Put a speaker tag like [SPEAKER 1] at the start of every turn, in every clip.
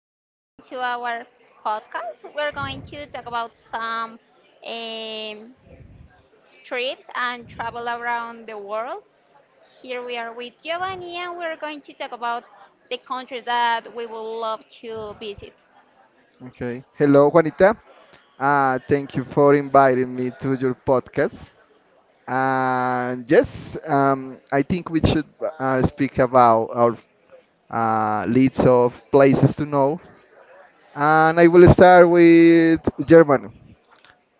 [SPEAKER 1] and welcome to our podcast. We're going to talk about some um, trips and travel around the world. Here we are with Giovanni, and we're going to talk about the countries that we would love to visit.
[SPEAKER 2] Okay. Hello, Juanita. Thank you for inviting me to your podcast. And yes, I think we should speak about our leads of places to know. And I will start with Germany.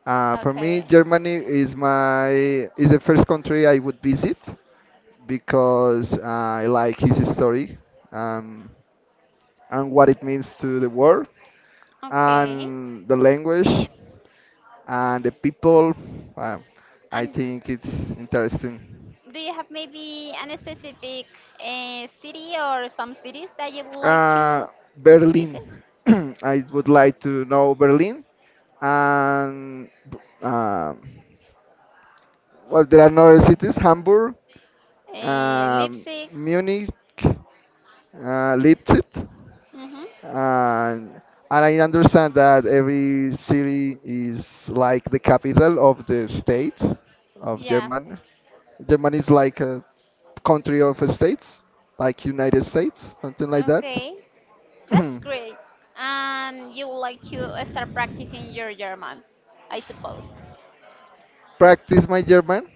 [SPEAKER 2] For me,
[SPEAKER 1] Okay,
[SPEAKER 2] Germany is the first country I would visit because I like his story, um, and what it means to the world,
[SPEAKER 1] okay.
[SPEAKER 2] and the language, and the people. uh, I
[SPEAKER 1] And
[SPEAKER 2] think it's interesting.
[SPEAKER 1] do you have maybe an specific city or some cities that you would like
[SPEAKER 2] uh,
[SPEAKER 1] to
[SPEAKER 2] Berlin.
[SPEAKER 1] visit?
[SPEAKER 2] I would like to know Berlin. And um well, there are no other cities. Hamburg, um,
[SPEAKER 1] Leipzig.
[SPEAKER 2] Munich, Leipzig.
[SPEAKER 1] Mm-hmm.
[SPEAKER 2] And and I understand that every city is like the capital of the state of
[SPEAKER 1] Yeah.
[SPEAKER 2] Germany. Germany is like a country of states, like United States, something like that.
[SPEAKER 1] Okay. That's great. And you would like to start practicing your German, I suppose,
[SPEAKER 2] Practice my German.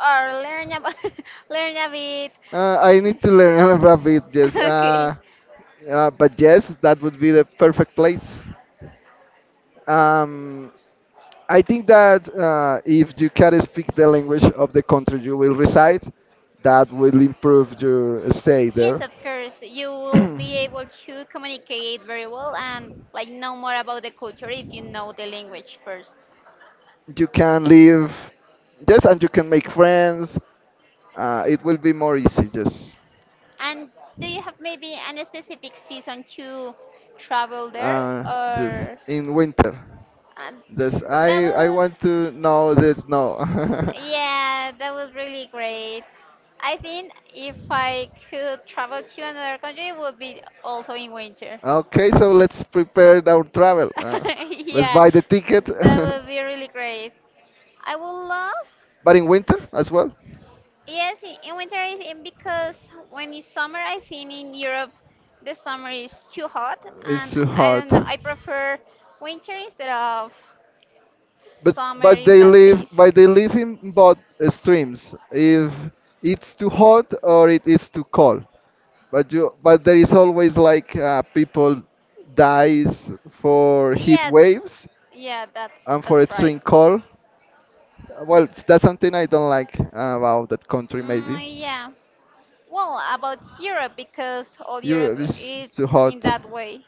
[SPEAKER 1] or learn about learn a bit.
[SPEAKER 2] I need to learn a bit, yes.
[SPEAKER 1] Okay.
[SPEAKER 2] But yes, that would be the perfect place. Um, I think that if you can speak the language of the country you will reside, that will improve your stay
[SPEAKER 1] Yes,
[SPEAKER 2] there.
[SPEAKER 1] of course. You will be able to communicate very well and like know more about the culture if you know the language first.
[SPEAKER 2] You can live, yes, and you can make friends. It will be more easy,
[SPEAKER 1] And do you have maybe any specific season to travel there
[SPEAKER 2] uh, just
[SPEAKER 1] or
[SPEAKER 2] in winter.
[SPEAKER 1] uh,
[SPEAKER 2] Just
[SPEAKER 1] that
[SPEAKER 2] I
[SPEAKER 1] will
[SPEAKER 2] want to know this now.
[SPEAKER 1] Yeah, that was really great. I think if I could travel to another country, it would be also in winter.
[SPEAKER 2] Okay, so let's prepare our travel. Let's
[SPEAKER 1] Yeah,
[SPEAKER 2] buy the ticket.
[SPEAKER 1] that would be really great. I would love,
[SPEAKER 2] But in winter as well.
[SPEAKER 1] yes, in winter, I think because when it's summer, I think in Europe the summer is too hot,
[SPEAKER 2] It's
[SPEAKER 1] and
[SPEAKER 2] too
[SPEAKER 1] I
[SPEAKER 2] hot.
[SPEAKER 1] don't know, I prefer winter instead of
[SPEAKER 2] But
[SPEAKER 1] summer
[SPEAKER 2] but
[SPEAKER 1] in that case.
[SPEAKER 2] they live in both streams. If it's too hot or it is too cold. But there is always, like, people dies for heat
[SPEAKER 1] Yeah,
[SPEAKER 2] waves
[SPEAKER 1] yeah, that's
[SPEAKER 2] and for
[SPEAKER 1] that's
[SPEAKER 2] it
[SPEAKER 1] right.
[SPEAKER 2] swing call, well, that's something I don't like about that country. Maybe
[SPEAKER 1] Mm, yeah. Well, about Europe, because all Europe
[SPEAKER 2] Europe is
[SPEAKER 1] is
[SPEAKER 2] too
[SPEAKER 1] in
[SPEAKER 2] hot.
[SPEAKER 1] that way.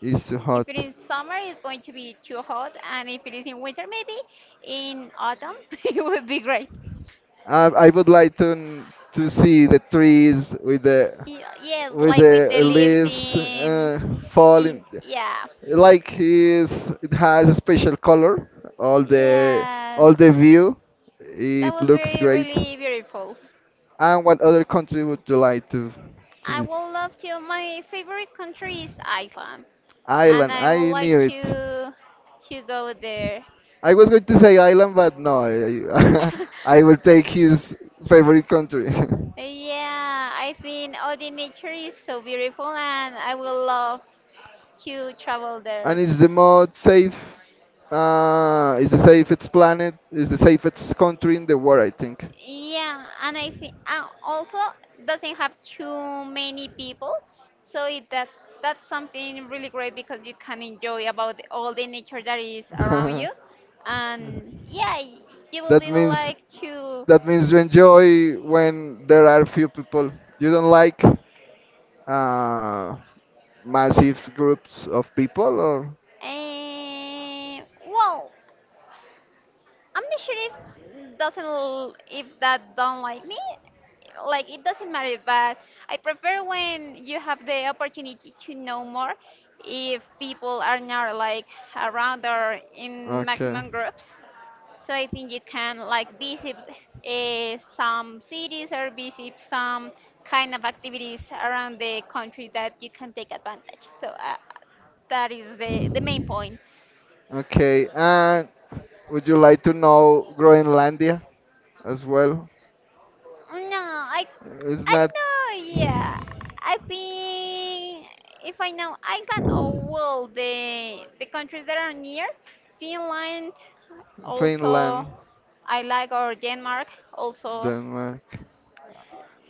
[SPEAKER 2] It's too
[SPEAKER 1] If
[SPEAKER 2] hot.
[SPEAKER 1] it is summer, it's going to be too hot, and if it is in winter, maybe in autumn, it would be great.
[SPEAKER 2] I would like to see the trees
[SPEAKER 1] Yes,
[SPEAKER 2] with
[SPEAKER 1] like
[SPEAKER 2] the
[SPEAKER 1] with the leaves
[SPEAKER 2] leaves,
[SPEAKER 1] in
[SPEAKER 2] falling,
[SPEAKER 1] yeah,
[SPEAKER 2] like, is it has a special color, all the
[SPEAKER 1] yeah,
[SPEAKER 2] all the view,
[SPEAKER 1] that
[SPEAKER 2] it
[SPEAKER 1] would
[SPEAKER 2] looks
[SPEAKER 1] be
[SPEAKER 2] great.
[SPEAKER 1] really beautiful.
[SPEAKER 2] And what other country would you like to
[SPEAKER 1] I
[SPEAKER 2] visit?
[SPEAKER 1] would love to. My favorite country is Iceland, and
[SPEAKER 2] Island.
[SPEAKER 1] I would
[SPEAKER 2] I
[SPEAKER 1] like
[SPEAKER 2] knew it.
[SPEAKER 1] to go there.
[SPEAKER 2] I was going to say island, but no. I, I will take his favorite country.
[SPEAKER 1] Yeah, I think all the nature is so beautiful and I would love to travel
[SPEAKER 2] And
[SPEAKER 1] there.
[SPEAKER 2] it's the most safe. It's the safest planet. It's the safest country in the world, I think.
[SPEAKER 1] Yeah, and I think also doesn't have too many people, so it, that that's something really great because you can enjoy about all the nature that is around you, and yeah, you will
[SPEAKER 2] That
[SPEAKER 1] be able
[SPEAKER 2] means
[SPEAKER 1] like to,
[SPEAKER 2] that means you enjoy when there are few people. You don't like, uh, massive groups of people, or
[SPEAKER 1] well, I'm not sure if doesn't if that don't like me. Like it doesn't matter, but I prefer when you have the opportunity to know more if people are not like around or in
[SPEAKER 2] okay.
[SPEAKER 1] maximum groups. So I think you can like visit some cities or visit some kind of activities around the country that you can take advantage. So that is the main point.
[SPEAKER 2] Okay, and would you like to know Groenlandia as well?
[SPEAKER 1] No,
[SPEAKER 2] It's
[SPEAKER 1] I
[SPEAKER 2] not.
[SPEAKER 1] don't know. Yeah, I think if I know Iceland or well the countries that are near Finland, also
[SPEAKER 2] Finland,
[SPEAKER 1] I like or Denmark also.
[SPEAKER 2] Denmark.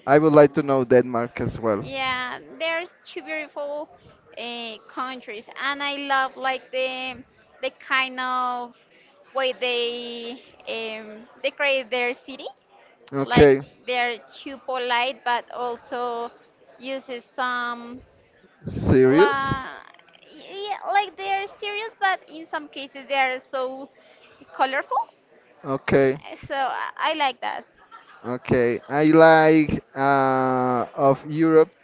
[SPEAKER 2] I would like to know Denmark as well.
[SPEAKER 1] Yeah, there's two beautiful countries, and I love like the kind of way they decorate their city. Like
[SPEAKER 2] Okay,
[SPEAKER 1] they're too polite but also uses some
[SPEAKER 2] serious?
[SPEAKER 1] la yeah, like they're serious but in some cases they're so colorful
[SPEAKER 2] Okay.
[SPEAKER 1] so I like that
[SPEAKER 2] Okay, I like, of Europe,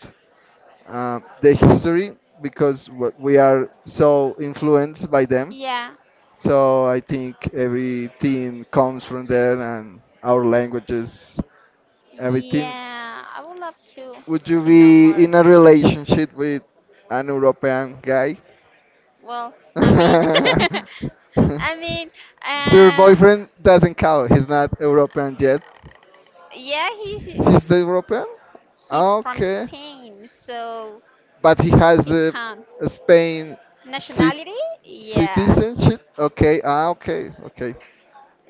[SPEAKER 2] the history because what we are so influenced by them.
[SPEAKER 1] yeah
[SPEAKER 2] So I think everything comes from there and our languages, everything.
[SPEAKER 1] yeah I would love
[SPEAKER 2] Would you
[SPEAKER 1] to know
[SPEAKER 2] be
[SPEAKER 1] more
[SPEAKER 2] in a relationship with an European guy?
[SPEAKER 1] well I mean I mean
[SPEAKER 2] Your
[SPEAKER 1] uh
[SPEAKER 2] boyfriend doesn't count. He's not European yet.
[SPEAKER 1] yeah
[SPEAKER 2] He's the European?
[SPEAKER 1] he's from
[SPEAKER 2] Okay.
[SPEAKER 1] Spain so
[SPEAKER 2] But he has
[SPEAKER 1] he
[SPEAKER 2] the
[SPEAKER 1] can
[SPEAKER 2] Spain cit-
[SPEAKER 1] nationality yeah.
[SPEAKER 2] citizenship. Okay, ah, okay, okay.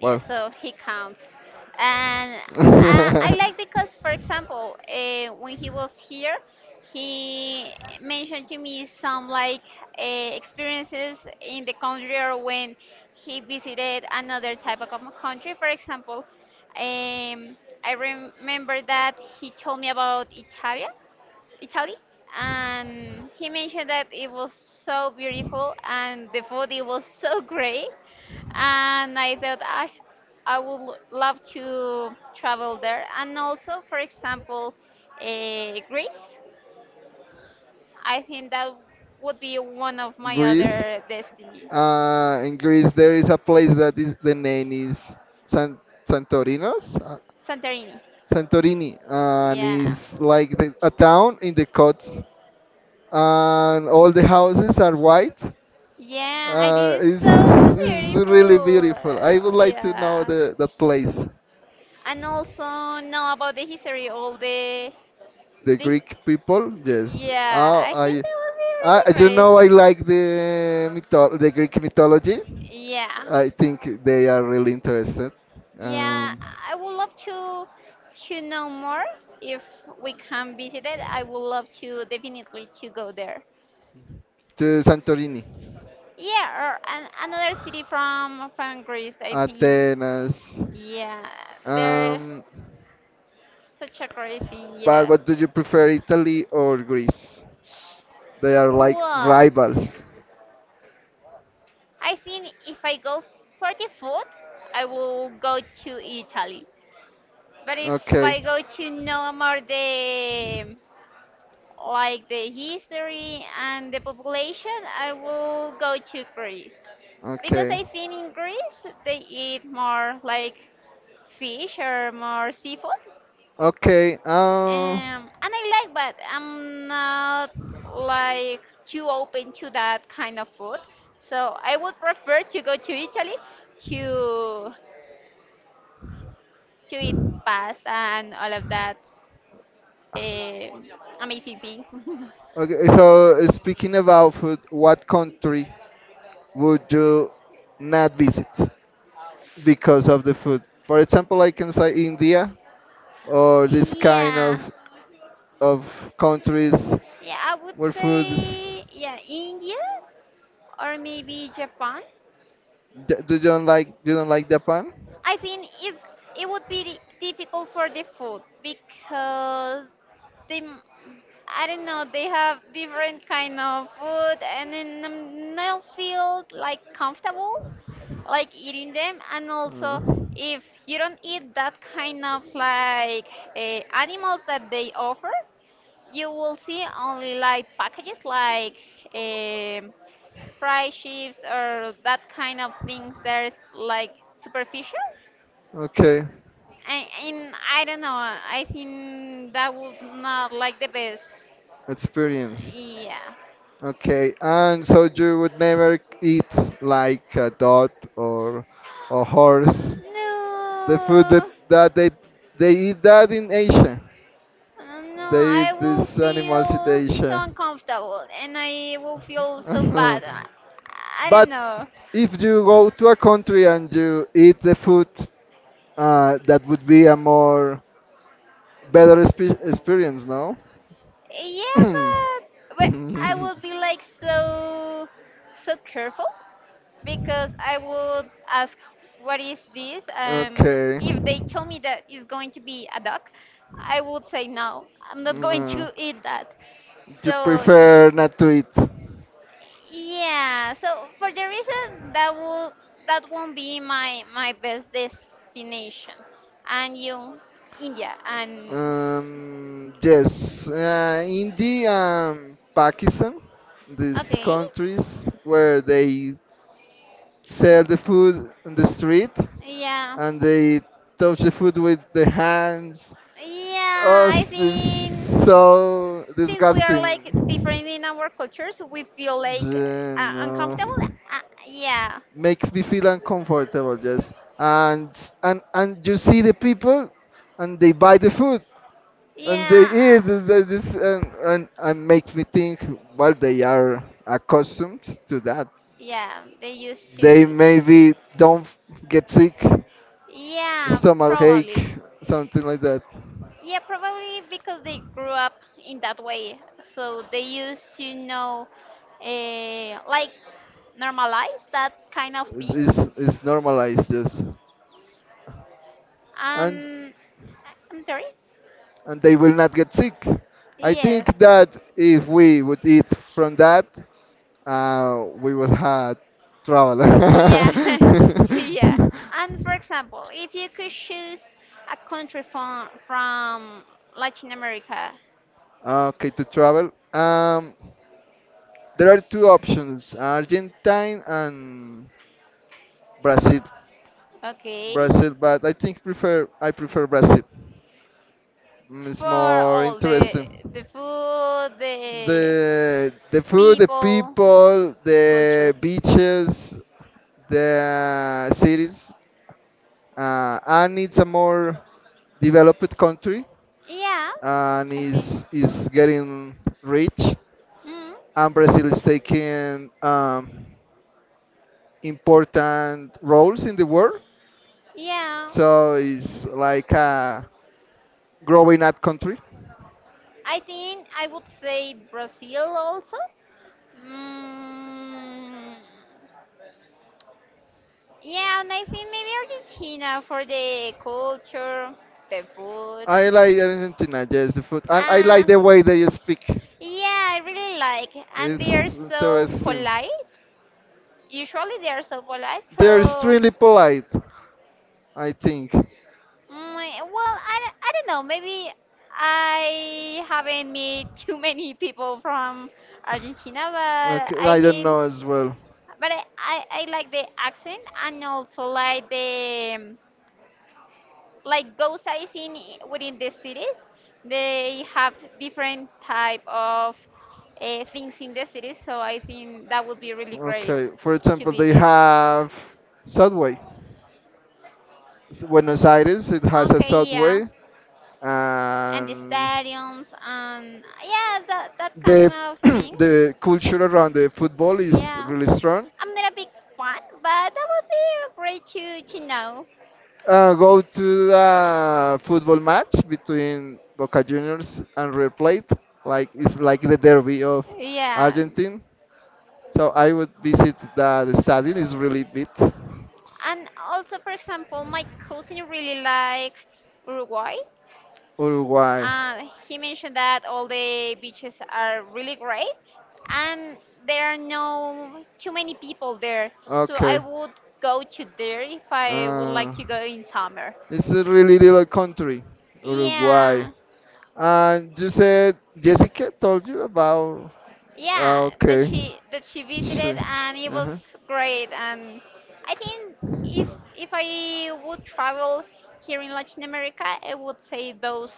[SPEAKER 1] Yeah, so he counts. And I, I like because, for example, when he was here, he mentioned to me some like experiences in the country or when he visited another type of country. For example, um, I remember that he told me about Italy, and he mentioned that it was so beautiful and the food it was so great, and I thought I would love to travel there, and also for example, Greece. I think that would be one of my
[SPEAKER 2] Greece.
[SPEAKER 1] other destiny,
[SPEAKER 2] In Greece, there is a place that is the name is San Santorinos,
[SPEAKER 1] Santorini.
[SPEAKER 2] Santorini, and
[SPEAKER 1] Yeah.
[SPEAKER 2] is like a town in the Cots, and all the houses are white.
[SPEAKER 1] Yeah, I think it's
[SPEAKER 2] It's,
[SPEAKER 1] so so
[SPEAKER 2] it's really
[SPEAKER 1] beautiful.
[SPEAKER 2] beautiful. I would like to know
[SPEAKER 1] Yeah,
[SPEAKER 2] the that place.
[SPEAKER 1] and also know about the history, all
[SPEAKER 2] The
[SPEAKER 1] the
[SPEAKER 2] Greek people, yes.
[SPEAKER 1] Yeah, I think that would be really great.
[SPEAKER 2] I like the the Greek mythology.
[SPEAKER 1] Yeah,
[SPEAKER 2] I think they are really interested.
[SPEAKER 1] yeah,
[SPEAKER 2] Um,
[SPEAKER 1] I would love to know more if we can visit it. I would love to definitely to go there.
[SPEAKER 2] to Santorini,
[SPEAKER 1] Yeah, or an, another city from Greece. I think.
[SPEAKER 2] Athens.
[SPEAKER 1] Yeah, they're
[SPEAKER 2] Um,
[SPEAKER 1] such a great thing.
[SPEAKER 2] but
[SPEAKER 1] Yes.
[SPEAKER 2] what do you prefer, Italy or Greece? They are like
[SPEAKER 1] Well,
[SPEAKER 2] rivals.
[SPEAKER 1] I think if I go for the food, I will go to Italy. But if I
[SPEAKER 2] Okay,
[SPEAKER 1] go to know more the like the history and the population, I will go to Greece because
[SPEAKER 2] okay,
[SPEAKER 1] I think in Greece they eat more like fish or more seafood,
[SPEAKER 2] okay.
[SPEAKER 1] and I like, but I'm not like too open to that kind of food. So I would prefer to go to Italy to to eat pasta and all of that eh, amazing things.
[SPEAKER 2] Okay. So, speaking about food, what country would you not visit because of the food? For example, I can say India or this kind of
[SPEAKER 1] Yeah,
[SPEAKER 2] of countries
[SPEAKER 1] yeah, I would
[SPEAKER 2] where food is.
[SPEAKER 1] say yeah, India or maybe Japan.
[SPEAKER 2] Do you don't like Japan?
[SPEAKER 1] I think it's, it would be difficult for the food because they, I don't know, they have different kind of food and then I'm not feel like comfortable like eating them. And
[SPEAKER 2] Uh,
[SPEAKER 1] also, if you don't eat that kind of like animals that they offer, you will see only like packages like. um Fry chips or that kind of things there's like superficial
[SPEAKER 2] Okay,
[SPEAKER 1] and, and I don't know I think that would not like the best.
[SPEAKER 2] experience.
[SPEAKER 1] Yeah.
[SPEAKER 2] Okay, and so you would never eat like a dog or a horse. The food that,
[SPEAKER 1] No,
[SPEAKER 2] that they eat that in Asia.
[SPEAKER 1] no,
[SPEAKER 2] They
[SPEAKER 1] I
[SPEAKER 2] eat
[SPEAKER 1] will
[SPEAKER 2] these animals in
[SPEAKER 1] feel so
[SPEAKER 2] Asia.
[SPEAKER 1] uncomfortable and I will feel so bad, I don't
[SPEAKER 2] But
[SPEAKER 1] know.
[SPEAKER 2] if you go to a country and you eat the food, that would be a more better experience, no?
[SPEAKER 1] Yeah, but I will be like so so careful because I would ask, what is this?
[SPEAKER 2] Okay.
[SPEAKER 1] If they tell me that it's going to be a duck, I would say no, I'm not
[SPEAKER 2] Mm,
[SPEAKER 1] going
[SPEAKER 2] uh,
[SPEAKER 1] to eat that. So
[SPEAKER 2] you
[SPEAKER 1] y-
[SPEAKER 2] prefer not to eat.
[SPEAKER 1] yeah, so for the reason that will that won't be my best destination. And you, India, and
[SPEAKER 2] Yes, India and Pakistan, these
[SPEAKER 1] okay,
[SPEAKER 2] countries where they sell the food on the street
[SPEAKER 1] yeah,
[SPEAKER 2] and they touch the food with the hands.
[SPEAKER 1] yeah,
[SPEAKER 2] Oh,
[SPEAKER 1] I
[SPEAKER 2] this
[SPEAKER 1] think.
[SPEAKER 2] is so
[SPEAKER 1] Since we are like
[SPEAKER 2] disgusting.
[SPEAKER 1] different in our cultures, we feel like
[SPEAKER 2] Yeah, no.
[SPEAKER 1] uncomfortable. Uh, yeah,
[SPEAKER 2] Makes me feel uncomfortable, just and and you see the people and they buy the food and they
[SPEAKER 1] yeah, uh,
[SPEAKER 2] eat this, and makes me think. Well, they are accustomed to that.
[SPEAKER 1] yeah. They used
[SPEAKER 2] They
[SPEAKER 1] to.
[SPEAKER 2] maybe don't get sick,
[SPEAKER 1] Yeah,
[SPEAKER 2] stomach ache,
[SPEAKER 1] probably.
[SPEAKER 2] something like that.
[SPEAKER 1] Yeah, probably because they grew up in that way, so they used to know, like, normalize that kind of
[SPEAKER 2] It's
[SPEAKER 1] things.
[SPEAKER 2] it's normalized, just And
[SPEAKER 1] Um, I'm sorry.
[SPEAKER 2] and they will not get sick. I
[SPEAKER 1] Yes.
[SPEAKER 2] think that if we would eat from that, we would have trouble.
[SPEAKER 1] Yeah, yeah. And for example, if you could choose a country from Latin America,
[SPEAKER 2] Okay, to travel. There are two options: Argentine and Brazil.
[SPEAKER 1] okay,
[SPEAKER 2] Brazil, but I prefer Brazil. It's
[SPEAKER 1] for
[SPEAKER 2] more
[SPEAKER 1] all the
[SPEAKER 2] interesting.
[SPEAKER 1] food, the
[SPEAKER 2] The food, the
[SPEAKER 1] people,
[SPEAKER 2] people, the
[SPEAKER 1] culture.
[SPEAKER 2] beaches, the cities, and it's a more developed country,
[SPEAKER 1] Yeah,
[SPEAKER 2] and
[SPEAKER 1] I think,
[SPEAKER 2] is getting rich,
[SPEAKER 1] mm,
[SPEAKER 2] and Brazil is taking, important roles in the world,
[SPEAKER 1] yeah.
[SPEAKER 2] so it's like a growing up country.
[SPEAKER 1] I think I would say Brazil also. Mm, yeah, and I think maybe Argentina for the culture, the food.
[SPEAKER 2] I like Argentina, yes, the food, and I like
[SPEAKER 1] Uh,
[SPEAKER 2] the way they speak.
[SPEAKER 1] yeah, I really like. And
[SPEAKER 2] It's
[SPEAKER 1] they are so
[SPEAKER 2] interesting.
[SPEAKER 1] polite. Usually they are so polite.
[SPEAKER 2] They're
[SPEAKER 1] So,
[SPEAKER 2] extremely polite, I think.
[SPEAKER 1] mm, well, I don't know. Maybe I haven't met too many people from Argentina, but
[SPEAKER 2] Okay,
[SPEAKER 1] I
[SPEAKER 2] I don't
[SPEAKER 1] think,
[SPEAKER 2] know as well.
[SPEAKER 1] but I like the accent and also like the like go sightseeing within the cities they have different type of things in the cities so I think that would be really great
[SPEAKER 2] Okay, for
[SPEAKER 1] to
[SPEAKER 2] example, they
[SPEAKER 1] visit.
[SPEAKER 2] have subway. Buenos Aires, it has a
[SPEAKER 1] Okay, yeah,
[SPEAKER 2] subway,
[SPEAKER 1] and the
[SPEAKER 2] and
[SPEAKER 1] stadiums and yeah that, that kind
[SPEAKER 2] the
[SPEAKER 1] of things.
[SPEAKER 2] the culture around the football is
[SPEAKER 1] Yeah,
[SPEAKER 2] really strong.
[SPEAKER 1] I'm not a big fan but that would be great to know.
[SPEAKER 2] Go to the football match between Boca Juniors and River Plate. Like it's like the derby of
[SPEAKER 1] Yeah,
[SPEAKER 2] Argentina. So I would visit the stadium. It's really big.
[SPEAKER 1] and also for example my cousin really like Uruguay.
[SPEAKER 2] Uruguay.
[SPEAKER 1] He mentioned that all the beaches are really great and there are no too many people there. So I
[SPEAKER 2] Okay.
[SPEAKER 1] would go to there if I would like
[SPEAKER 2] Uh,
[SPEAKER 1] to go in summer.
[SPEAKER 2] it's a really little country, Uruguay.
[SPEAKER 1] Yeah.
[SPEAKER 2] And you said Jessica told you about.
[SPEAKER 1] Yeah,
[SPEAKER 2] Ah, okay.
[SPEAKER 1] that she visited
[SPEAKER 2] She,
[SPEAKER 1] and it was
[SPEAKER 2] uh
[SPEAKER 1] great, and I think if if I would travel here in Latin America I would say those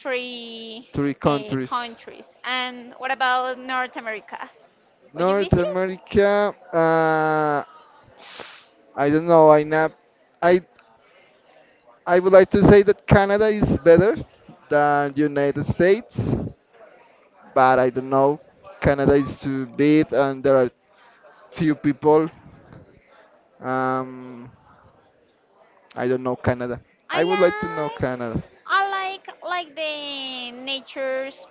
[SPEAKER 1] three
[SPEAKER 2] Three countries.
[SPEAKER 1] countries and what about North America would you
[SPEAKER 2] North
[SPEAKER 1] visit.
[SPEAKER 2] America. I don't know. I not. I I would like to say that Canada is better than United States, but I don't know. Canada is too big, and there are few people. Um, I don't know Canada.
[SPEAKER 1] I
[SPEAKER 2] I would like to know
[SPEAKER 1] like
[SPEAKER 2] Canada.
[SPEAKER 1] I like the nature's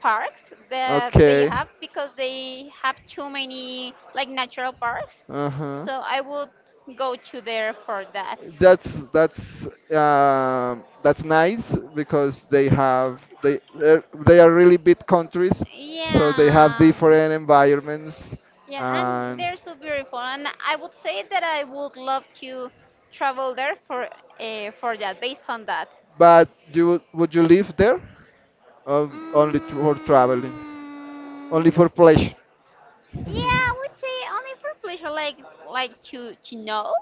[SPEAKER 1] parks that they
[SPEAKER 2] Okay.
[SPEAKER 1] have because they have too many like natural parks.
[SPEAKER 2] Uh huh.
[SPEAKER 1] So I would go to there for that.
[SPEAKER 2] That's that's nice because they have they they're- they are really big countries, so they have
[SPEAKER 1] Yeah.
[SPEAKER 2] different environments.
[SPEAKER 1] Yeah, and
[SPEAKER 2] And
[SPEAKER 1] they're so beautiful and I would say that I would love to travel there for that based on that.
[SPEAKER 2] But you would you live there, or only for traveling, only
[SPEAKER 1] Mm,
[SPEAKER 2] for pleasure?
[SPEAKER 1] yeah, I would say only for pleasure, like to know.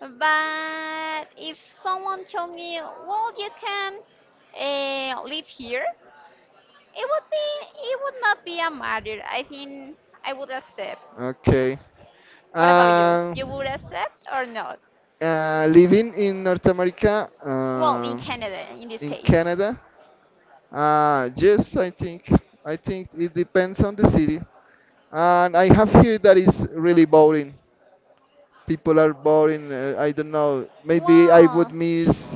[SPEAKER 1] But if someone told me, well, you can live here, it would be it would not be a matter. I think I would accept.
[SPEAKER 2] Okay.
[SPEAKER 1] What about you?
[SPEAKER 2] Um,
[SPEAKER 1] You would accept or not?
[SPEAKER 2] Living in North America,
[SPEAKER 1] Well, in Canada, in this
[SPEAKER 2] in
[SPEAKER 1] case.
[SPEAKER 2] Canada, yes, I think it depends on the city. And I have here that is really boring. People are boring. I don't know. Maybe I would
[SPEAKER 1] Well,
[SPEAKER 2] miss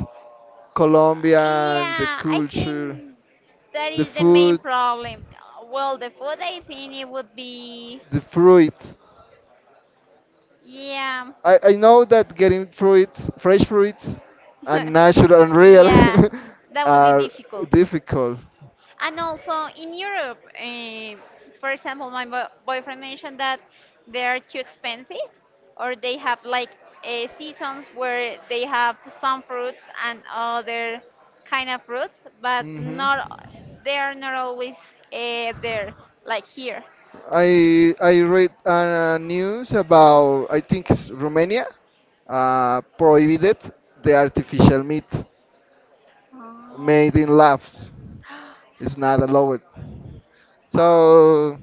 [SPEAKER 2] Colombia and the
[SPEAKER 1] yeah, I
[SPEAKER 2] culture,
[SPEAKER 1] think that
[SPEAKER 2] the
[SPEAKER 1] is the main
[SPEAKER 2] food,
[SPEAKER 1] problem. Well, the food, I think it would be,
[SPEAKER 2] the fruit.
[SPEAKER 1] yeah.
[SPEAKER 2] I know that getting fruits, fresh fruits, and natural and real
[SPEAKER 1] Yeah, that would be
[SPEAKER 2] are
[SPEAKER 1] difficult.
[SPEAKER 2] difficult.
[SPEAKER 1] And also in Europe, for example, my boyfriend mentioned that they are too expensive, or they have like seasons where they have some fruits and other kind of fruits, but
[SPEAKER 2] Hmm.
[SPEAKER 1] not they are not always there like here.
[SPEAKER 2] Here. I read news about, I think it's Romania, prohibited the artificial meat
[SPEAKER 1] Oh,
[SPEAKER 2] made in labs. It's not allowed.
[SPEAKER 1] wow.
[SPEAKER 2] So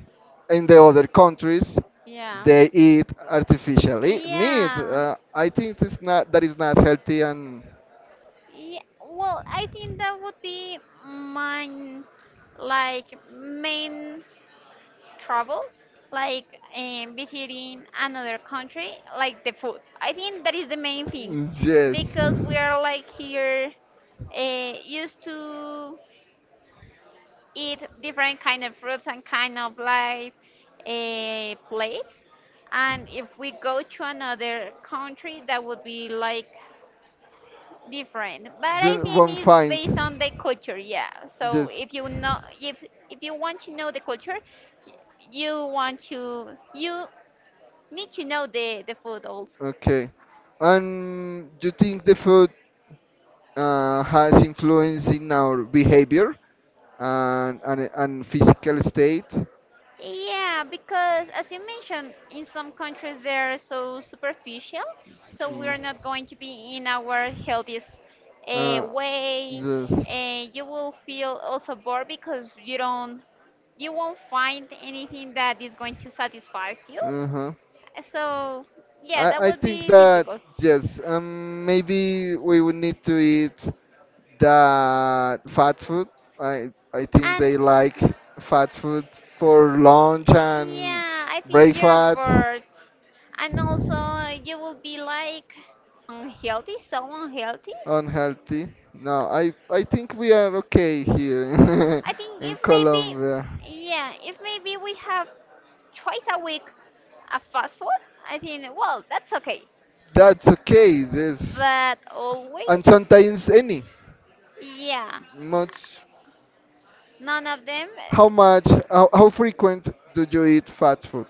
[SPEAKER 2] in the other countries,
[SPEAKER 1] Yeah.
[SPEAKER 2] they eat artificially meat.
[SPEAKER 1] Yeah.
[SPEAKER 2] I think it's not that is not healthy, and
[SPEAKER 1] Yeah, well, I think that would be my like main trouble, like visiting another country, like the food. I think that is the main thing,
[SPEAKER 2] yes.
[SPEAKER 1] because we are like here used to eat different kind of fruits and kind of like plates, and if we go to another country, that would be like different but I
[SPEAKER 2] You
[SPEAKER 1] think
[SPEAKER 2] won't
[SPEAKER 1] it's
[SPEAKER 2] find.
[SPEAKER 1] based on the culture yeah so
[SPEAKER 2] Yes.
[SPEAKER 1] if you know if you want to know the culture y- you want to you need to know the food also.
[SPEAKER 2] Okay. And do you think the food has influence in our behavior, and physical state?
[SPEAKER 1] Yeah because as you mentioned in some countries they're so superficial
[SPEAKER 2] s-
[SPEAKER 1] so
[SPEAKER 2] mm,
[SPEAKER 1] we're not going to be in our healthiest
[SPEAKER 2] Uh,
[SPEAKER 1] way
[SPEAKER 2] yes.
[SPEAKER 1] and you will feel also bored because you don't you won't find anything that is going to satisfy you.
[SPEAKER 2] Uh-huh.
[SPEAKER 1] So yeah,
[SPEAKER 2] I,
[SPEAKER 1] that
[SPEAKER 2] I
[SPEAKER 1] would
[SPEAKER 2] think
[SPEAKER 1] be
[SPEAKER 2] that
[SPEAKER 1] difficult.
[SPEAKER 2] yes, maybe we would need to eat that fast food. I think
[SPEAKER 1] And
[SPEAKER 2] they like fast food for lunch and
[SPEAKER 1] yeah, I think you're
[SPEAKER 2] breakfast.
[SPEAKER 1] bored, and also you will be like unhealthy, so unhealthy.
[SPEAKER 2] Unhealthy. No, I think we are okay here
[SPEAKER 1] I think
[SPEAKER 2] in
[SPEAKER 1] if maybe,
[SPEAKER 2] Colombia.
[SPEAKER 1] yeah, if maybe we have twice a week a fast food, I think well that's okay.
[SPEAKER 2] That's okay. This
[SPEAKER 1] But
[SPEAKER 2] and
[SPEAKER 1] always,
[SPEAKER 2] sometimes any.
[SPEAKER 1] yeah,
[SPEAKER 2] Much.
[SPEAKER 1] none of them.
[SPEAKER 2] How much? How frequent do you eat fast food?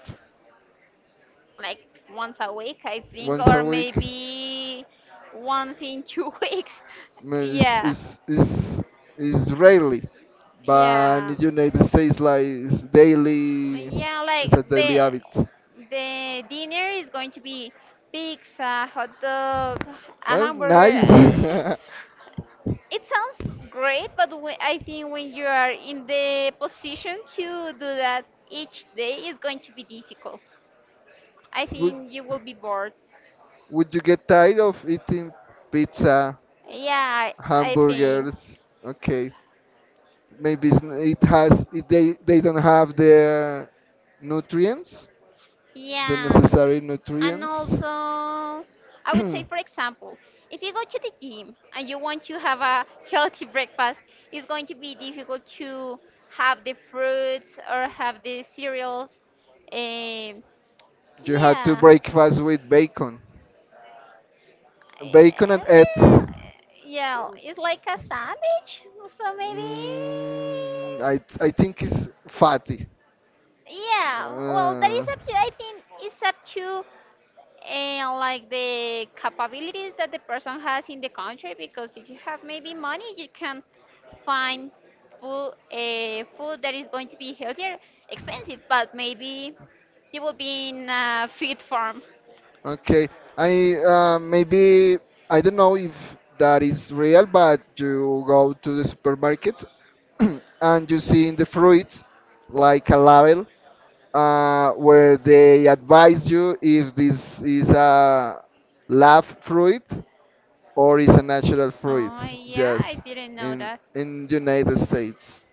[SPEAKER 1] Like once a week, I think,
[SPEAKER 2] Once a
[SPEAKER 1] or
[SPEAKER 2] week?
[SPEAKER 1] maybe once in 2 weeks.
[SPEAKER 2] Mm, It's
[SPEAKER 1] Yeah,
[SPEAKER 2] it's it's, it's rarely, but in the
[SPEAKER 1] yeah,
[SPEAKER 2] United States like it's daily.
[SPEAKER 1] yeah.
[SPEAKER 2] It's
[SPEAKER 1] Like
[SPEAKER 2] a daily
[SPEAKER 1] the
[SPEAKER 2] habit.
[SPEAKER 1] the dinner is going to be pizza, hot dog, a
[SPEAKER 2] Well,
[SPEAKER 1] hamburger.
[SPEAKER 2] nice.
[SPEAKER 1] It sounds great, but I think when you are in the position to do that each day is going to be difficult. I
[SPEAKER 2] Good.
[SPEAKER 1] think you will be bored.
[SPEAKER 2] Would you get tired of eating pizza,
[SPEAKER 1] Yeah, I think.
[SPEAKER 2] hamburgers? Okay, maybe it's, n- it has it, they don't have the nutrients, the
[SPEAKER 1] Yeah.
[SPEAKER 2] necessary
[SPEAKER 1] And
[SPEAKER 2] nutrients.
[SPEAKER 1] also, I would say,
[SPEAKER 2] You
[SPEAKER 1] for example, if you go to the gym and you want to have a healthy breakfast, it's going to be difficult to have the fruits or have the cereals. Um,
[SPEAKER 2] have to
[SPEAKER 1] yeah,
[SPEAKER 2] breakfast with bacon, and
[SPEAKER 1] yeah,
[SPEAKER 2] eggs.
[SPEAKER 1] yeah, it's like a sandwich, so maybe.
[SPEAKER 2] I think it's fatty.
[SPEAKER 1] Yeah, well, that
[SPEAKER 2] Uh,
[SPEAKER 1] is up I think it's up to and like the capabilities that the person has in the country, because if you have maybe money you can find food a food that is going to be healthier, expensive, but maybe you will be in a fit farm.
[SPEAKER 2] Okay, I maybe I don't know if that is real, but you go to the supermarket and you see in the fruits like a label, where they advise you if this is a lab fruit or is a natural fruit.
[SPEAKER 1] Oh yeah, I
[SPEAKER 2] Yes,
[SPEAKER 1] didn't know
[SPEAKER 2] in
[SPEAKER 1] that.
[SPEAKER 2] in United States,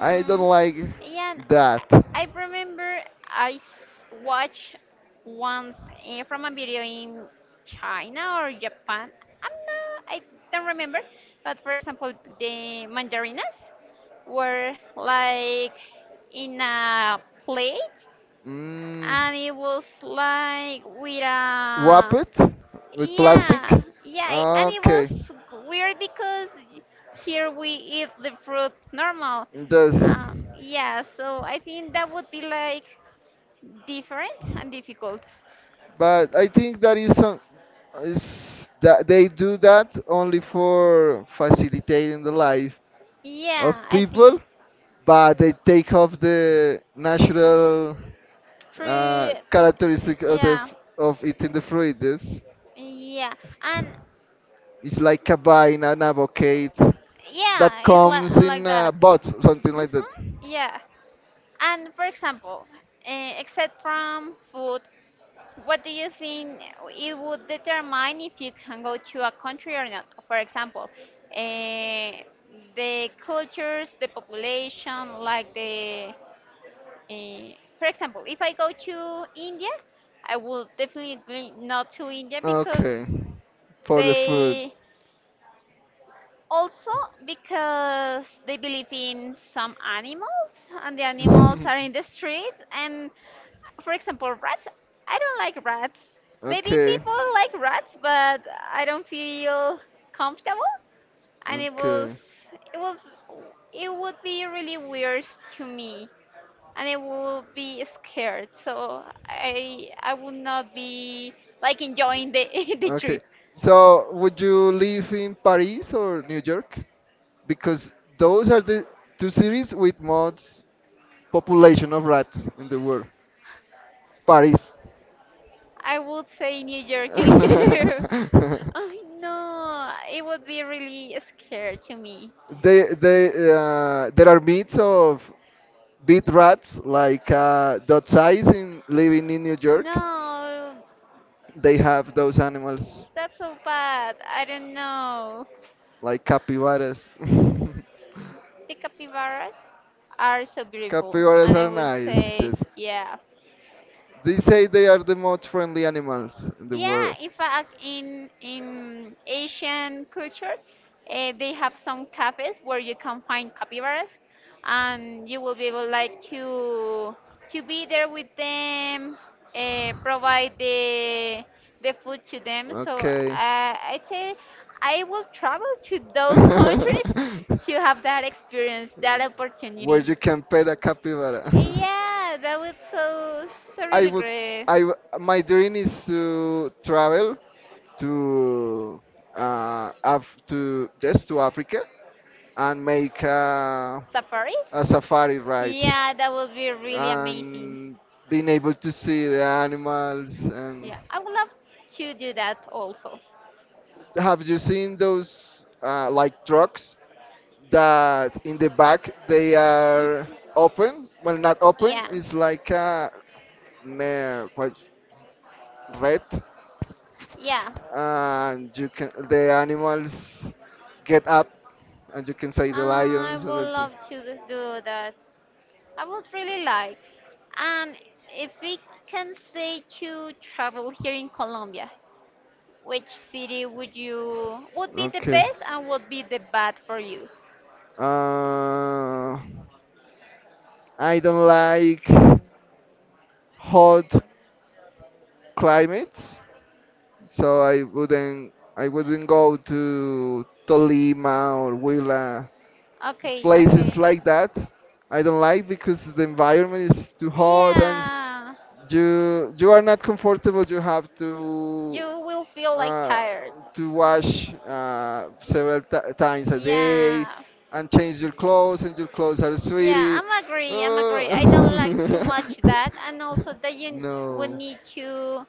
[SPEAKER 2] I don't like
[SPEAKER 1] Yeah, and
[SPEAKER 2] that.
[SPEAKER 1] I remember watched once, from a video in China or Japan. I don't remember, but for example, the mandarinas were like in a plate,
[SPEAKER 2] Mm.
[SPEAKER 1] and it was like with
[SPEAKER 2] Wrap
[SPEAKER 1] a,
[SPEAKER 2] it with plastic.
[SPEAKER 1] yeah, yeah, and it was
[SPEAKER 2] Okay,
[SPEAKER 1] weird because here we eat the fruit normal.
[SPEAKER 2] yes,
[SPEAKER 1] Yeah, so I think that would be like different and difficult.
[SPEAKER 2] but I think that is that they do that only for facilitating the life of
[SPEAKER 1] Yeah, I
[SPEAKER 2] people,
[SPEAKER 1] think
[SPEAKER 2] but they take off the natural
[SPEAKER 1] fruit.
[SPEAKER 2] characteristic of the
[SPEAKER 1] Yeah,
[SPEAKER 2] of eating the fruit. Yes,
[SPEAKER 1] yeah, and
[SPEAKER 2] it's like cabine and avocado that
[SPEAKER 1] yeah, it's like
[SPEAKER 2] comes in,
[SPEAKER 1] like that.
[SPEAKER 2] bots, something
[SPEAKER 1] Mhm.
[SPEAKER 2] like that.
[SPEAKER 1] Yeah, and for example, except from food, what do you think it would determine if you can go to a country or not? For example, uh, the cultures, the population, like the. For example, if I go to India, I will definitely not to India because
[SPEAKER 2] Okay, for the food.
[SPEAKER 1] they, also, because they believe in some animals, and the animals are in the streets. And for example, rats. I don't like rats. Maybe
[SPEAKER 2] Okay.
[SPEAKER 1] people like rats, but I don't feel comfortable. And
[SPEAKER 2] Okay.
[SPEAKER 1] it was, it would be really weird to me, and I would be scared. So I would not be like enjoying the the
[SPEAKER 2] Okay.
[SPEAKER 1] trip.
[SPEAKER 2] So, would you live in Paris or New York? Because those are the two cities with most population of rats in the world. Paris.
[SPEAKER 1] I would say New York to live. I know it would be really scary to me.
[SPEAKER 2] They There are myths of big rats, like, dot size, in living in New York.
[SPEAKER 1] No,
[SPEAKER 2] They have those animals,
[SPEAKER 1] that's so bad. I don't know.
[SPEAKER 2] like capybaras.
[SPEAKER 1] The capybaras are so beautiful,
[SPEAKER 2] Capybaras
[SPEAKER 1] and I
[SPEAKER 2] are
[SPEAKER 1] would
[SPEAKER 2] nice.
[SPEAKER 1] say,
[SPEAKER 2] Yes.
[SPEAKER 1] yeah.
[SPEAKER 2] They say they are the most friendly animals in the
[SPEAKER 1] Yeah,
[SPEAKER 2] world.
[SPEAKER 1] in fact, in Asian culture, they have some cafes where you can find capybaras, and you will be able like to be there with them, provide the food to them. So
[SPEAKER 2] Okay.
[SPEAKER 1] I'd say I will travel to those countries to have that experience, that
[SPEAKER 2] Where
[SPEAKER 1] opportunity.
[SPEAKER 2] you can pet a capybara.
[SPEAKER 1] Yeah, that was so
[SPEAKER 2] I
[SPEAKER 1] really
[SPEAKER 2] would,
[SPEAKER 1] great.
[SPEAKER 2] I, w- My dream is to travel to, Af to just to Africa and make
[SPEAKER 1] Safari?
[SPEAKER 2] a safari ride
[SPEAKER 1] Yeah, that would be really amazing.
[SPEAKER 2] and being able to see the animals. And
[SPEAKER 1] Yeah, I would love to do that also.
[SPEAKER 2] have you seen those like trucks that in the back they
[SPEAKER 1] Mm.
[SPEAKER 2] are open, well not open,
[SPEAKER 1] Yeah,
[SPEAKER 2] it's like a quite red,
[SPEAKER 1] yeah.
[SPEAKER 2] and you can the animals get up and you can say the
[SPEAKER 1] I
[SPEAKER 2] lions, and
[SPEAKER 1] would
[SPEAKER 2] that's it.
[SPEAKER 1] love to do that. I would really like. And if we can say to travel here in Colombia, which city would be the
[SPEAKER 2] Okay,
[SPEAKER 1] best and would be the bad for you?
[SPEAKER 2] uh, I don't like hot climates, so I wouldn't go to Tolima or Huila,
[SPEAKER 1] Okay,
[SPEAKER 2] places
[SPEAKER 1] okay.
[SPEAKER 2] like that I don't like, because the environment is too hot and
[SPEAKER 1] Yeah.
[SPEAKER 2] you are not comfortable, you have
[SPEAKER 1] You will feel like
[SPEAKER 2] uh,
[SPEAKER 1] tired.
[SPEAKER 2] to wash several times a day
[SPEAKER 1] Yeah,
[SPEAKER 2] and change your clothes, and your clothes are
[SPEAKER 1] yeah,
[SPEAKER 2] sweaty.
[SPEAKER 1] I'm agree. I don't like too
[SPEAKER 2] Uh,
[SPEAKER 1] much that, and also that you would
[SPEAKER 2] no.
[SPEAKER 1] need to,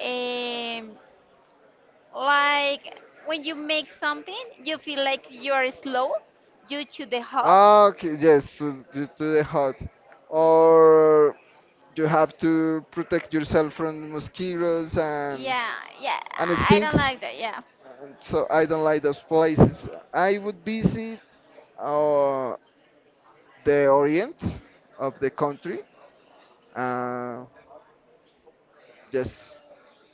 [SPEAKER 1] um, like when you make something, you feel like you are slow due to the hot.
[SPEAKER 2] Okay, yes, to the hot. Or you have to protect yourself from mosquitoes,
[SPEAKER 1] Yeah, yeah,
[SPEAKER 2] and it
[SPEAKER 1] I don't
[SPEAKER 2] stinks.
[SPEAKER 1] like that. Yeah.
[SPEAKER 2] And so I don't like those places. I would visit uh, the orient of the country. Uh, Yes,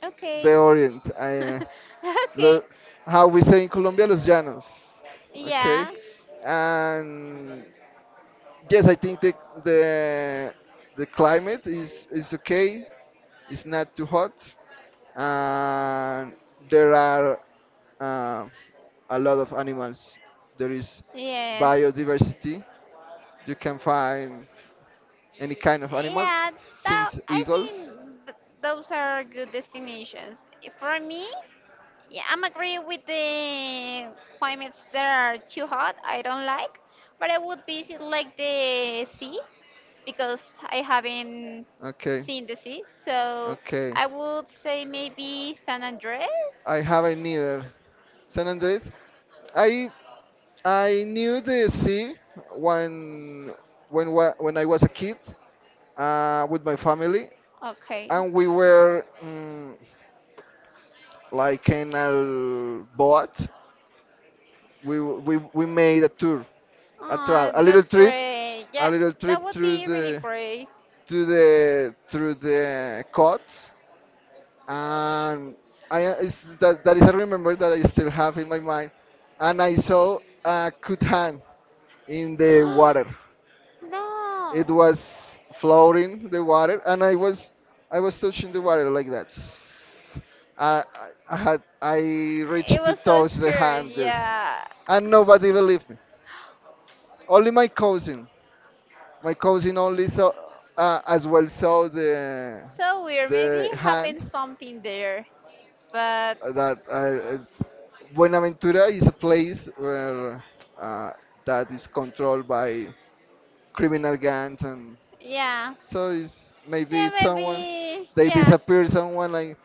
[SPEAKER 1] Okay.
[SPEAKER 2] the Orient.
[SPEAKER 1] Okay.
[SPEAKER 2] Lo- how we say in Colombia, los llanos. Okay,
[SPEAKER 1] Yeah.
[SPEAKER 2] and yes, I think the the climate is okay. It's not too hot, and there are uh, a lot of animals. There is
[SPEAKER 1] Yes.
[SPEAKER 2] biodiversity. You can find any kind of animal,
[SPEAKER 1] Yeah,
[SPEAKER 2] since
[SPEAKER 1] I
[SPEAKER 2] eagles.
[SPEAKER 1] think those are good destinations. For me, yeah, I'm agree with the climates that are too hot. I don't like, but I would visit like the sea because I haven't
[SPEAKER 2] Okay,
[SPEAKER 1] seen the sea. So
[SPEAKER 2] okay.
[SPEAKER 1] I would say maybe San Andres.
[SPEAKER 2] I haven't either. San Andres. I knew the sea when when I was a kid, with my family,
[SPEAKER 1] Okay.
[SPEAKER 2] and we were like in a boat. We made a tour, a tra-
[SPEAKER 1] Oh,
[SPEAKER 2] a little
[SPEAKER 1] that's
[SPEAKER 2] trip,
[SPEAKER 1] great.
[SPEAKER 2] a
[SPEAKER 1] Yeah,
[SPEAKER 2] little trip
[SPEAKER 1] that would
[SPEAKER 2] through
[SPEAKER 1] be really
[SPEAKER 2] the
[SPEAKER 1] great.
[SPEAKER 2] coast and I it's, that that is a remember that I still have in my mind. And I saw a cut hand in the water. It
[SPEAKER 1] No.
[SPEAKER 2] was floating the water, and I was touching the water like that. I, I I
[SPEAKER 1] It
[SPEAKER 2] reached to
[SPEAKER 1] was so
[SPEAKER 2] touch the
[SPEAKER 1] scared,
[SPEAKER 2] hand, just,
[SPEAKER 1] yeah.
[SPEAKER 2] and nobody believed me. Only my cousin. My cousin only saw as well saw
[SPEAKER 1] So weird. Maybe
[SPEAKER 2] the
[SPEAKER 1] happened
[SPEAKER 2] hand.
[SPEAKER 1] something there. But
[SPEAKER 2] That Buenaventura is a place where uh, that is controlled by criminal gangs, and
[SPEAKER 1] yeah.
[SPEAKER 2] so it's maybe
[SPEAKER 1] Yeah,
[SPEAKER 2] it's someone
[SPEAKER 1] maybe.
[SPEAKER 2] they
[SPEAKER 1] Yeah.
[SPEAKER 2] disappear someone like,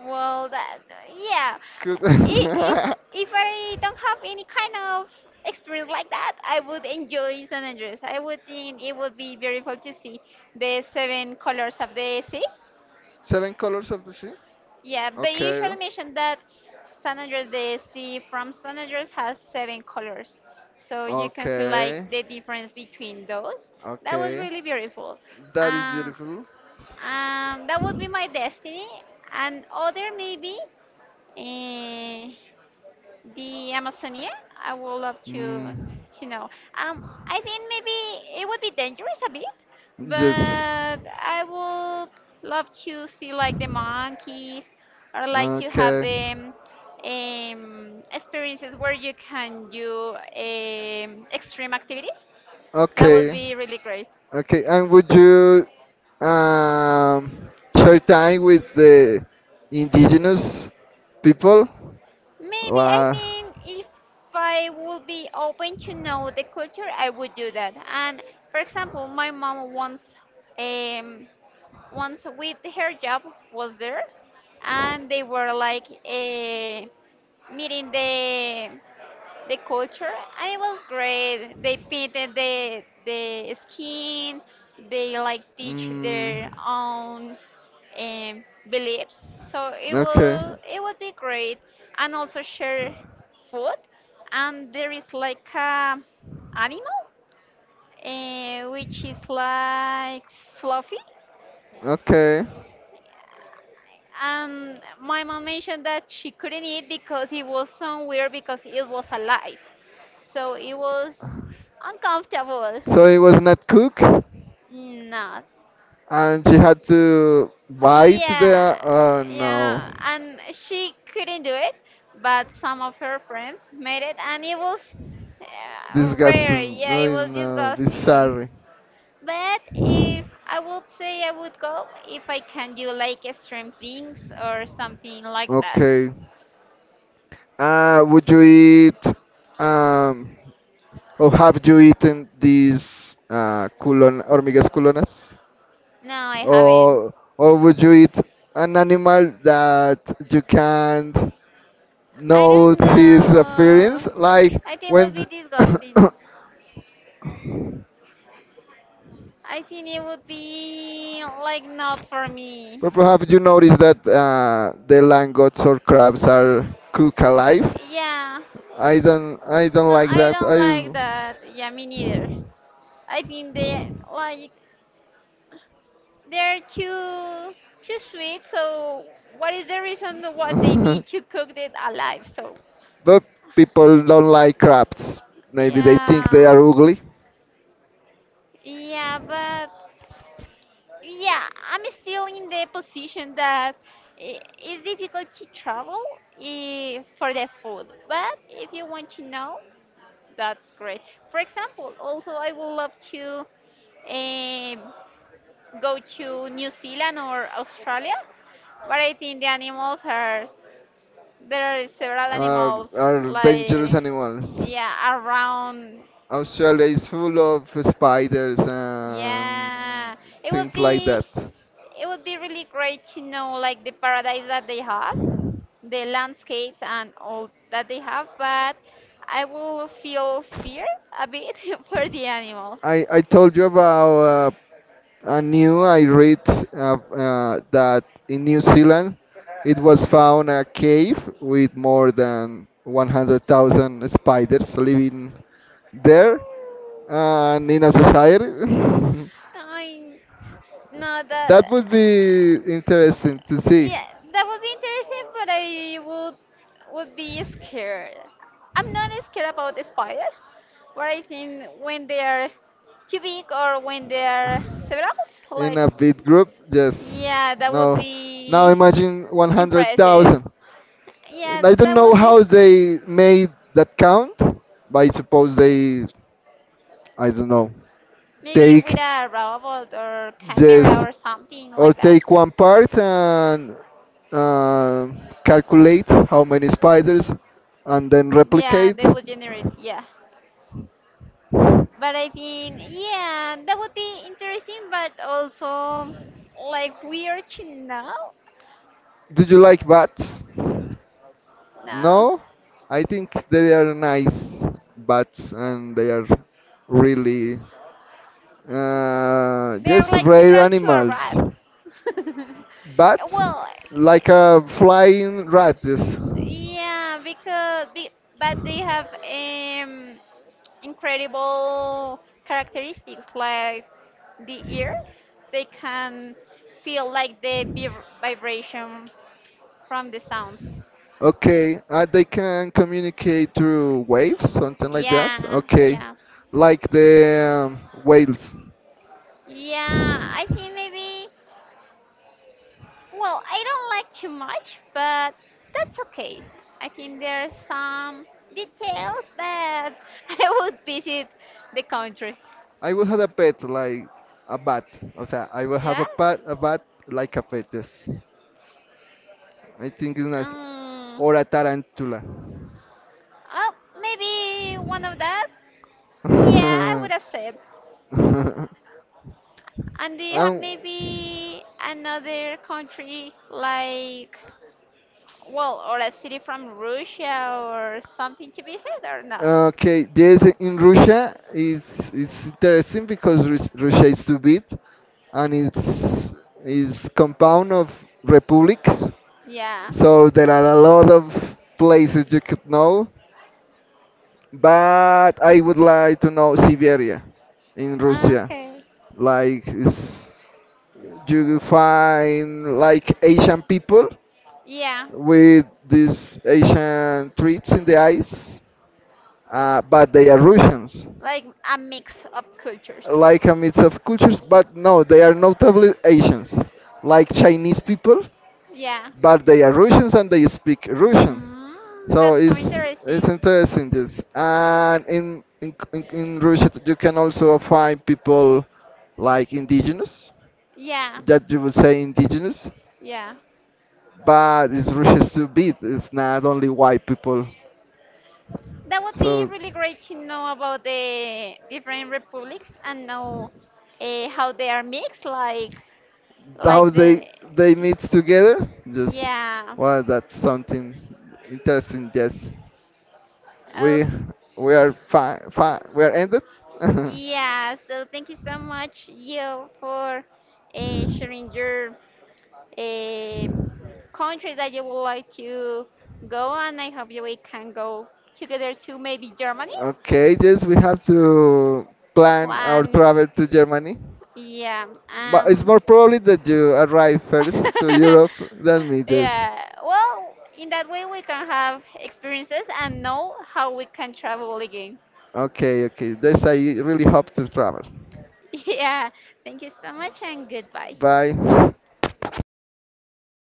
[SPEAKER 1] Well, that. Yeah.
[SPEAKER 2] could.
[SPEAKER 1] I- If, if I don't have any kind of experience like that, I would enjoy San Andreas. I would think it would be beautiful to see the seven colors of the sea.
[SPEAKER 2] Seven Colors of the Sea.
[SPEAKER 1] Yeah, they
[SPEAKER 2] Okay.
[SPEAKER 1] usually mention that San Andreas, the sea from San Andreas has seven colors. So you can see
[SPEAKER 2] Okay.
[SPEAKER 1] like the difference between those. That was
[SPEAKER 2] Okay.
[SPEAKER 1] really beautiful.
[SPEAKER 2] That is
[SPEAKER 1] Uh,
[SPEAKER 2] beautiful.
[SPEAKER 1] that would be my destiny. And other maybe. eh, the Amazonia? I would love
[SPEAKER 2] Mm,
[SPEAKER 1] to know. I think maybe it would be dangerous a bit,
[SPEAKER 2] yes.
[SPEAKER 1] but I would love to see like the monkeys or like to have
[SPEAKER 2] Okay.
[SPEAKER 1] the experiences where you can do extreme activities. That would
[SPEAKER 2] Okay.
[SPEAKER 1] be really great.
[SPEAKER 2] Okay. And would you share time with the indigenous people?
[SPEAKER 1] Maybe I
[SPEAKER 2] La.
[SPEAKER 1] think if I would be open to know the culture, I would do that. And for example, my mom um, once with her job was there, and they were like, meeting the culture, and it was great. They painted the skin, they like teach their
[SPEAKER 2] Mm,
[SPEAKER 1] own beliefs. So
[SPEAKER 2] okay.
[SPEAKER 1] it would be great, and also share food. And there is like a animal, which is like fluffy.
[SPEAKER 2] Okay.
[SPEAKER 1] My mom mentioned that she couldn't eat because it was so weird because it was alive. So it was uncomfortable.
[SPEAKER 2] So it was not cook,
[SPEAKER 1] Not.
[SPEAKER 2] and she had to bite
[SPEAKER 1] Yeah.
[SPEAKER 2] the. Oh
[SPEAKER 1] Yeah.
[SPEAKER 2] no.
[SPEAKER 1] And she couldn't do it, but some of her friends made it, and it was rare.
[SPEAKER 2] Disgusting.
[SPEAKER 1] Yeah,
[SPEAKER 2] No,
[SPEAKER 1] it was
[SPEAKER 2] no,
[SPEAKER 1] disgusting.
[SPEAKER 2] bizarre.
[SPEAKER 1] But if I would say I would go if I can do like extreme things or something like that.
[SPEAKER 2] Okay. Would you eat, um, or have you eaten these culon hormigas culonas?
[SPEAKER 1] No, I haven't.
[SPEAKER 2] Or would you eat an animal that you can't
[SPEAKER 1] I
[SPEAKER 2] know
[SPEAKER 1] don't
[SPEAKER 2] his
[SPEAKER 1] know.
[SPEAKER 2] appearance? Like
[SPEAKER 1] I think it would be
[SPEAKER 2] when,
[SPEAKER 1] disgusting.
[SPEAKER 2] but
[SPEAKER 1] I think it would be like not for me.
[SPEAKER 2] perhaps you notice that the langostas or crabs are cooked alive.
[SPEAKER 1] Yeah.
[SPEAKER 2] I don't
[SPEAKER 1] No,
[SPEAKER 2] like
[SPEAKER 1] I
[SPEAKER 2] that.
[SPEAKER 1] don't like
[SPEAKER 2] I,
[SPEAKER 1] that. Yeah, me neither. I think they like they're too sweet. So what is the reason what they need to cook it alive? So
[SPEAKER 2] but people don't like crabs. Maybe they think they
[SPEAKER 1] yeah,
[SPEAKER 2] are ugly,
[SPEAKER 1] yeah, but yeah, I'm still in the position that it's difficult to travel, for the food, but if you want to know, that's great. For example, also I would love to eh, go to New Zealand or Australia, but I think there are several animals
[SPEAKER 2] are dangerous
[SPEAKER 1] like,
[SPEAKER 2] animals.
[SPEAKER 1] yeah, around,
[SPEAKER 2] Australia is full of spiders and
[SPEAKER 1] yeah, it would
[SPEAKER 2] things like
[SPEAKER 1] be
[SPEAKER 2] that.
[SPEAKER 1] it would be really great to know like the paradise that they have, the landscapes and all that they have, but I will feel fear a bit for the animals.
[SPEAKER 2] I told you about a new I read that in New Zealand it was found a cave with more than 100,000 spiders living there and in a society.
[SPEAKER 1] I No,
[SPEAKER 2] That
[SPEAKER 1] that,
[SPEAKER 2] would be interesting to see.
[SPEAKER 1] yeah, that would be interesting, but I would be scared. I'm not scared about the spiders, but I think when they are too big or when they are several,
[SPEAKER 2] In
[SPEAKER 1] like,
[SPEAKER 2] a big group, yes.
[SPEAKER 1] yeah, that would
[SPEAKER 2] No, now
[SPEAKER 1] be
[SPEAKER 2] imagine
[SPEAKER 1] impressive.
[SPEAKER 2] 100,000.
[SPEAKER 1] Yeah,
[SPEAKER 2] And I don't
[SPEAKER 1] that
[SPEAKER 2] know
[SPEAKER 1] would
[SPEAKER 2] how
[SPEAKER 1] be.
[SPEAKER 2] they made that count, but I suppose they I don't know
[SPEAKER 1] Maybe
[SPEAKER 2] take
[SPEAKER 1] with a robot or camera
[SPEAKER 2] just,
[SPEAKER 1] or something
[SPEAKER 2] or
[SPEAKER 1] like that.
[SPEAKER 2] take one part and uh, calculate how many spiders and then
[SPEAKER 1] Yeah,
[SPEAKER 2] replicate.
[SPEAKER 1] they would generate, yeah. But I think, yeah, that would be interesting, but also like weird to know.
[SPEAKER 2] Did you like bats? No,
[SPEAKER 1] No,
[SPEAKER 2] I think they are nice bats, and they are really
[SPEAKER 1] they are
[SPEAKER 2] yes,
[SPEAKER 1] like
[SPEAKER 2] rare
[SPEAKER 1] similar to a
[SPEAKER 2] animals,
[SPEAKER 1] rat.
[SPEAKER 2] but
[SPEAKER 1] Well,
[SPEAKER 2] like a flying rat. Yes.
[SPEAKER 1] yeah, but they have incredible characteristics, like the ear, they can feel like the vibration from the sounds.
[SPEAKER 2] Okay, they can communicate through waves, something like that.
[SPEAKER 1] Yeah,
[SPEAKER 2] Okay,
[SPEAKER 1] yeah,
[SPEAKER 2] like the whales.
[SPEAKER 1] yeah, I think maybe, well, I don't like too much, but that's okay. I think there are some details, but I would visit the country.
[SPEAKER 2] I will have a pet like a bat. O sea, I will have a
[SPEAKER 1] Yeah.
[SPEAKER 2] pet, a bat like a pet. Yes, I think it's nice.
[SPEAKER 1] um,
[SPEAKER 2] Or a tarantula.
[SPEAKER 1] oh, maybe one of that. Yeah, I would accept. And do you have
[SPEAKER 2] um,
[SPEAKER 1] maybe another country like, well, or a city from Russia or something to visit or not?
[SPEAKER 2] Okay, yes, in Russia it's interesting because Russia is too big, and it's is compound of republics,
[SPEAKER 1] Yeah.
[SPEAKER 2] so there are a lot of places you could know. But I would like to know Siberia in Russia.
[SPEAKER 1] Okay.
[SPEAKER 2] Like it's, you find like Asian people
[SPEAKER 1] Yeah.
[SPEAKER 2] with these Asian traits in the eyes, but they are Russians.
[SPEAKER 1] Like a mix of cultures.
[SPEAKER 2] Like a mix of cultures, but no, they are notably Asians, like Chinese people,
[SPEAKER 1] Yeah.
[SPEAKER 2] but they are Russians and they speak Russian. So
[SPEAKER 1] That's so
[SPEAKER 2] it's
[SPEAKER 1] interesting.
[SPEAKER 2] interesting this. And in Russia you can also find people like indigenous,
[SPEAKER 1] Yeah,
[SPEAKER 2] that you would say indigenous,
[SPEAKER 1] yeah.
[SPEAKER 2] but it's Russia's too big. It's not only white people.
[SPEAKER 1] That would be
[SPEAKER 2] So
[SPEAKER 1] really great to know about the different republics and know, how they are mixed,
[SPEAKER 2] how
[SPEAKER 1] like, the,
[SPEAKER 2] they meet together, just,
[SPEAKER 1] yeah.
[SPEAKER 2] well that's something interesting. Yes, we we are fine, we are ended.
[SPEAKER 1] Yeah, so thank you so much, you, for sharing your um country that you would like to go, and I hope you we can go together to maybe Germany.
[SPEAKER 2] Okay, yes, we have to plan our
[SPEAKER 1] One,
[SPEAKER 2] travel to Germany,
[SPEAKER 1] yeah,
[SPEAKER 2] but it's
[SPEAKER 1] um,
[SPEAKER 2] more probably that you arrive first to Europe than me, just.
[SPEAKER 1] yeah. Well, in that way we can have experiences and know how we can travel again.
[SPEAKER 2] Okay, okay, this I really hope to travel.
[SPEAKER 1] Yeah, thank you so much and goodbye.
[SPEAKER 2] Bye.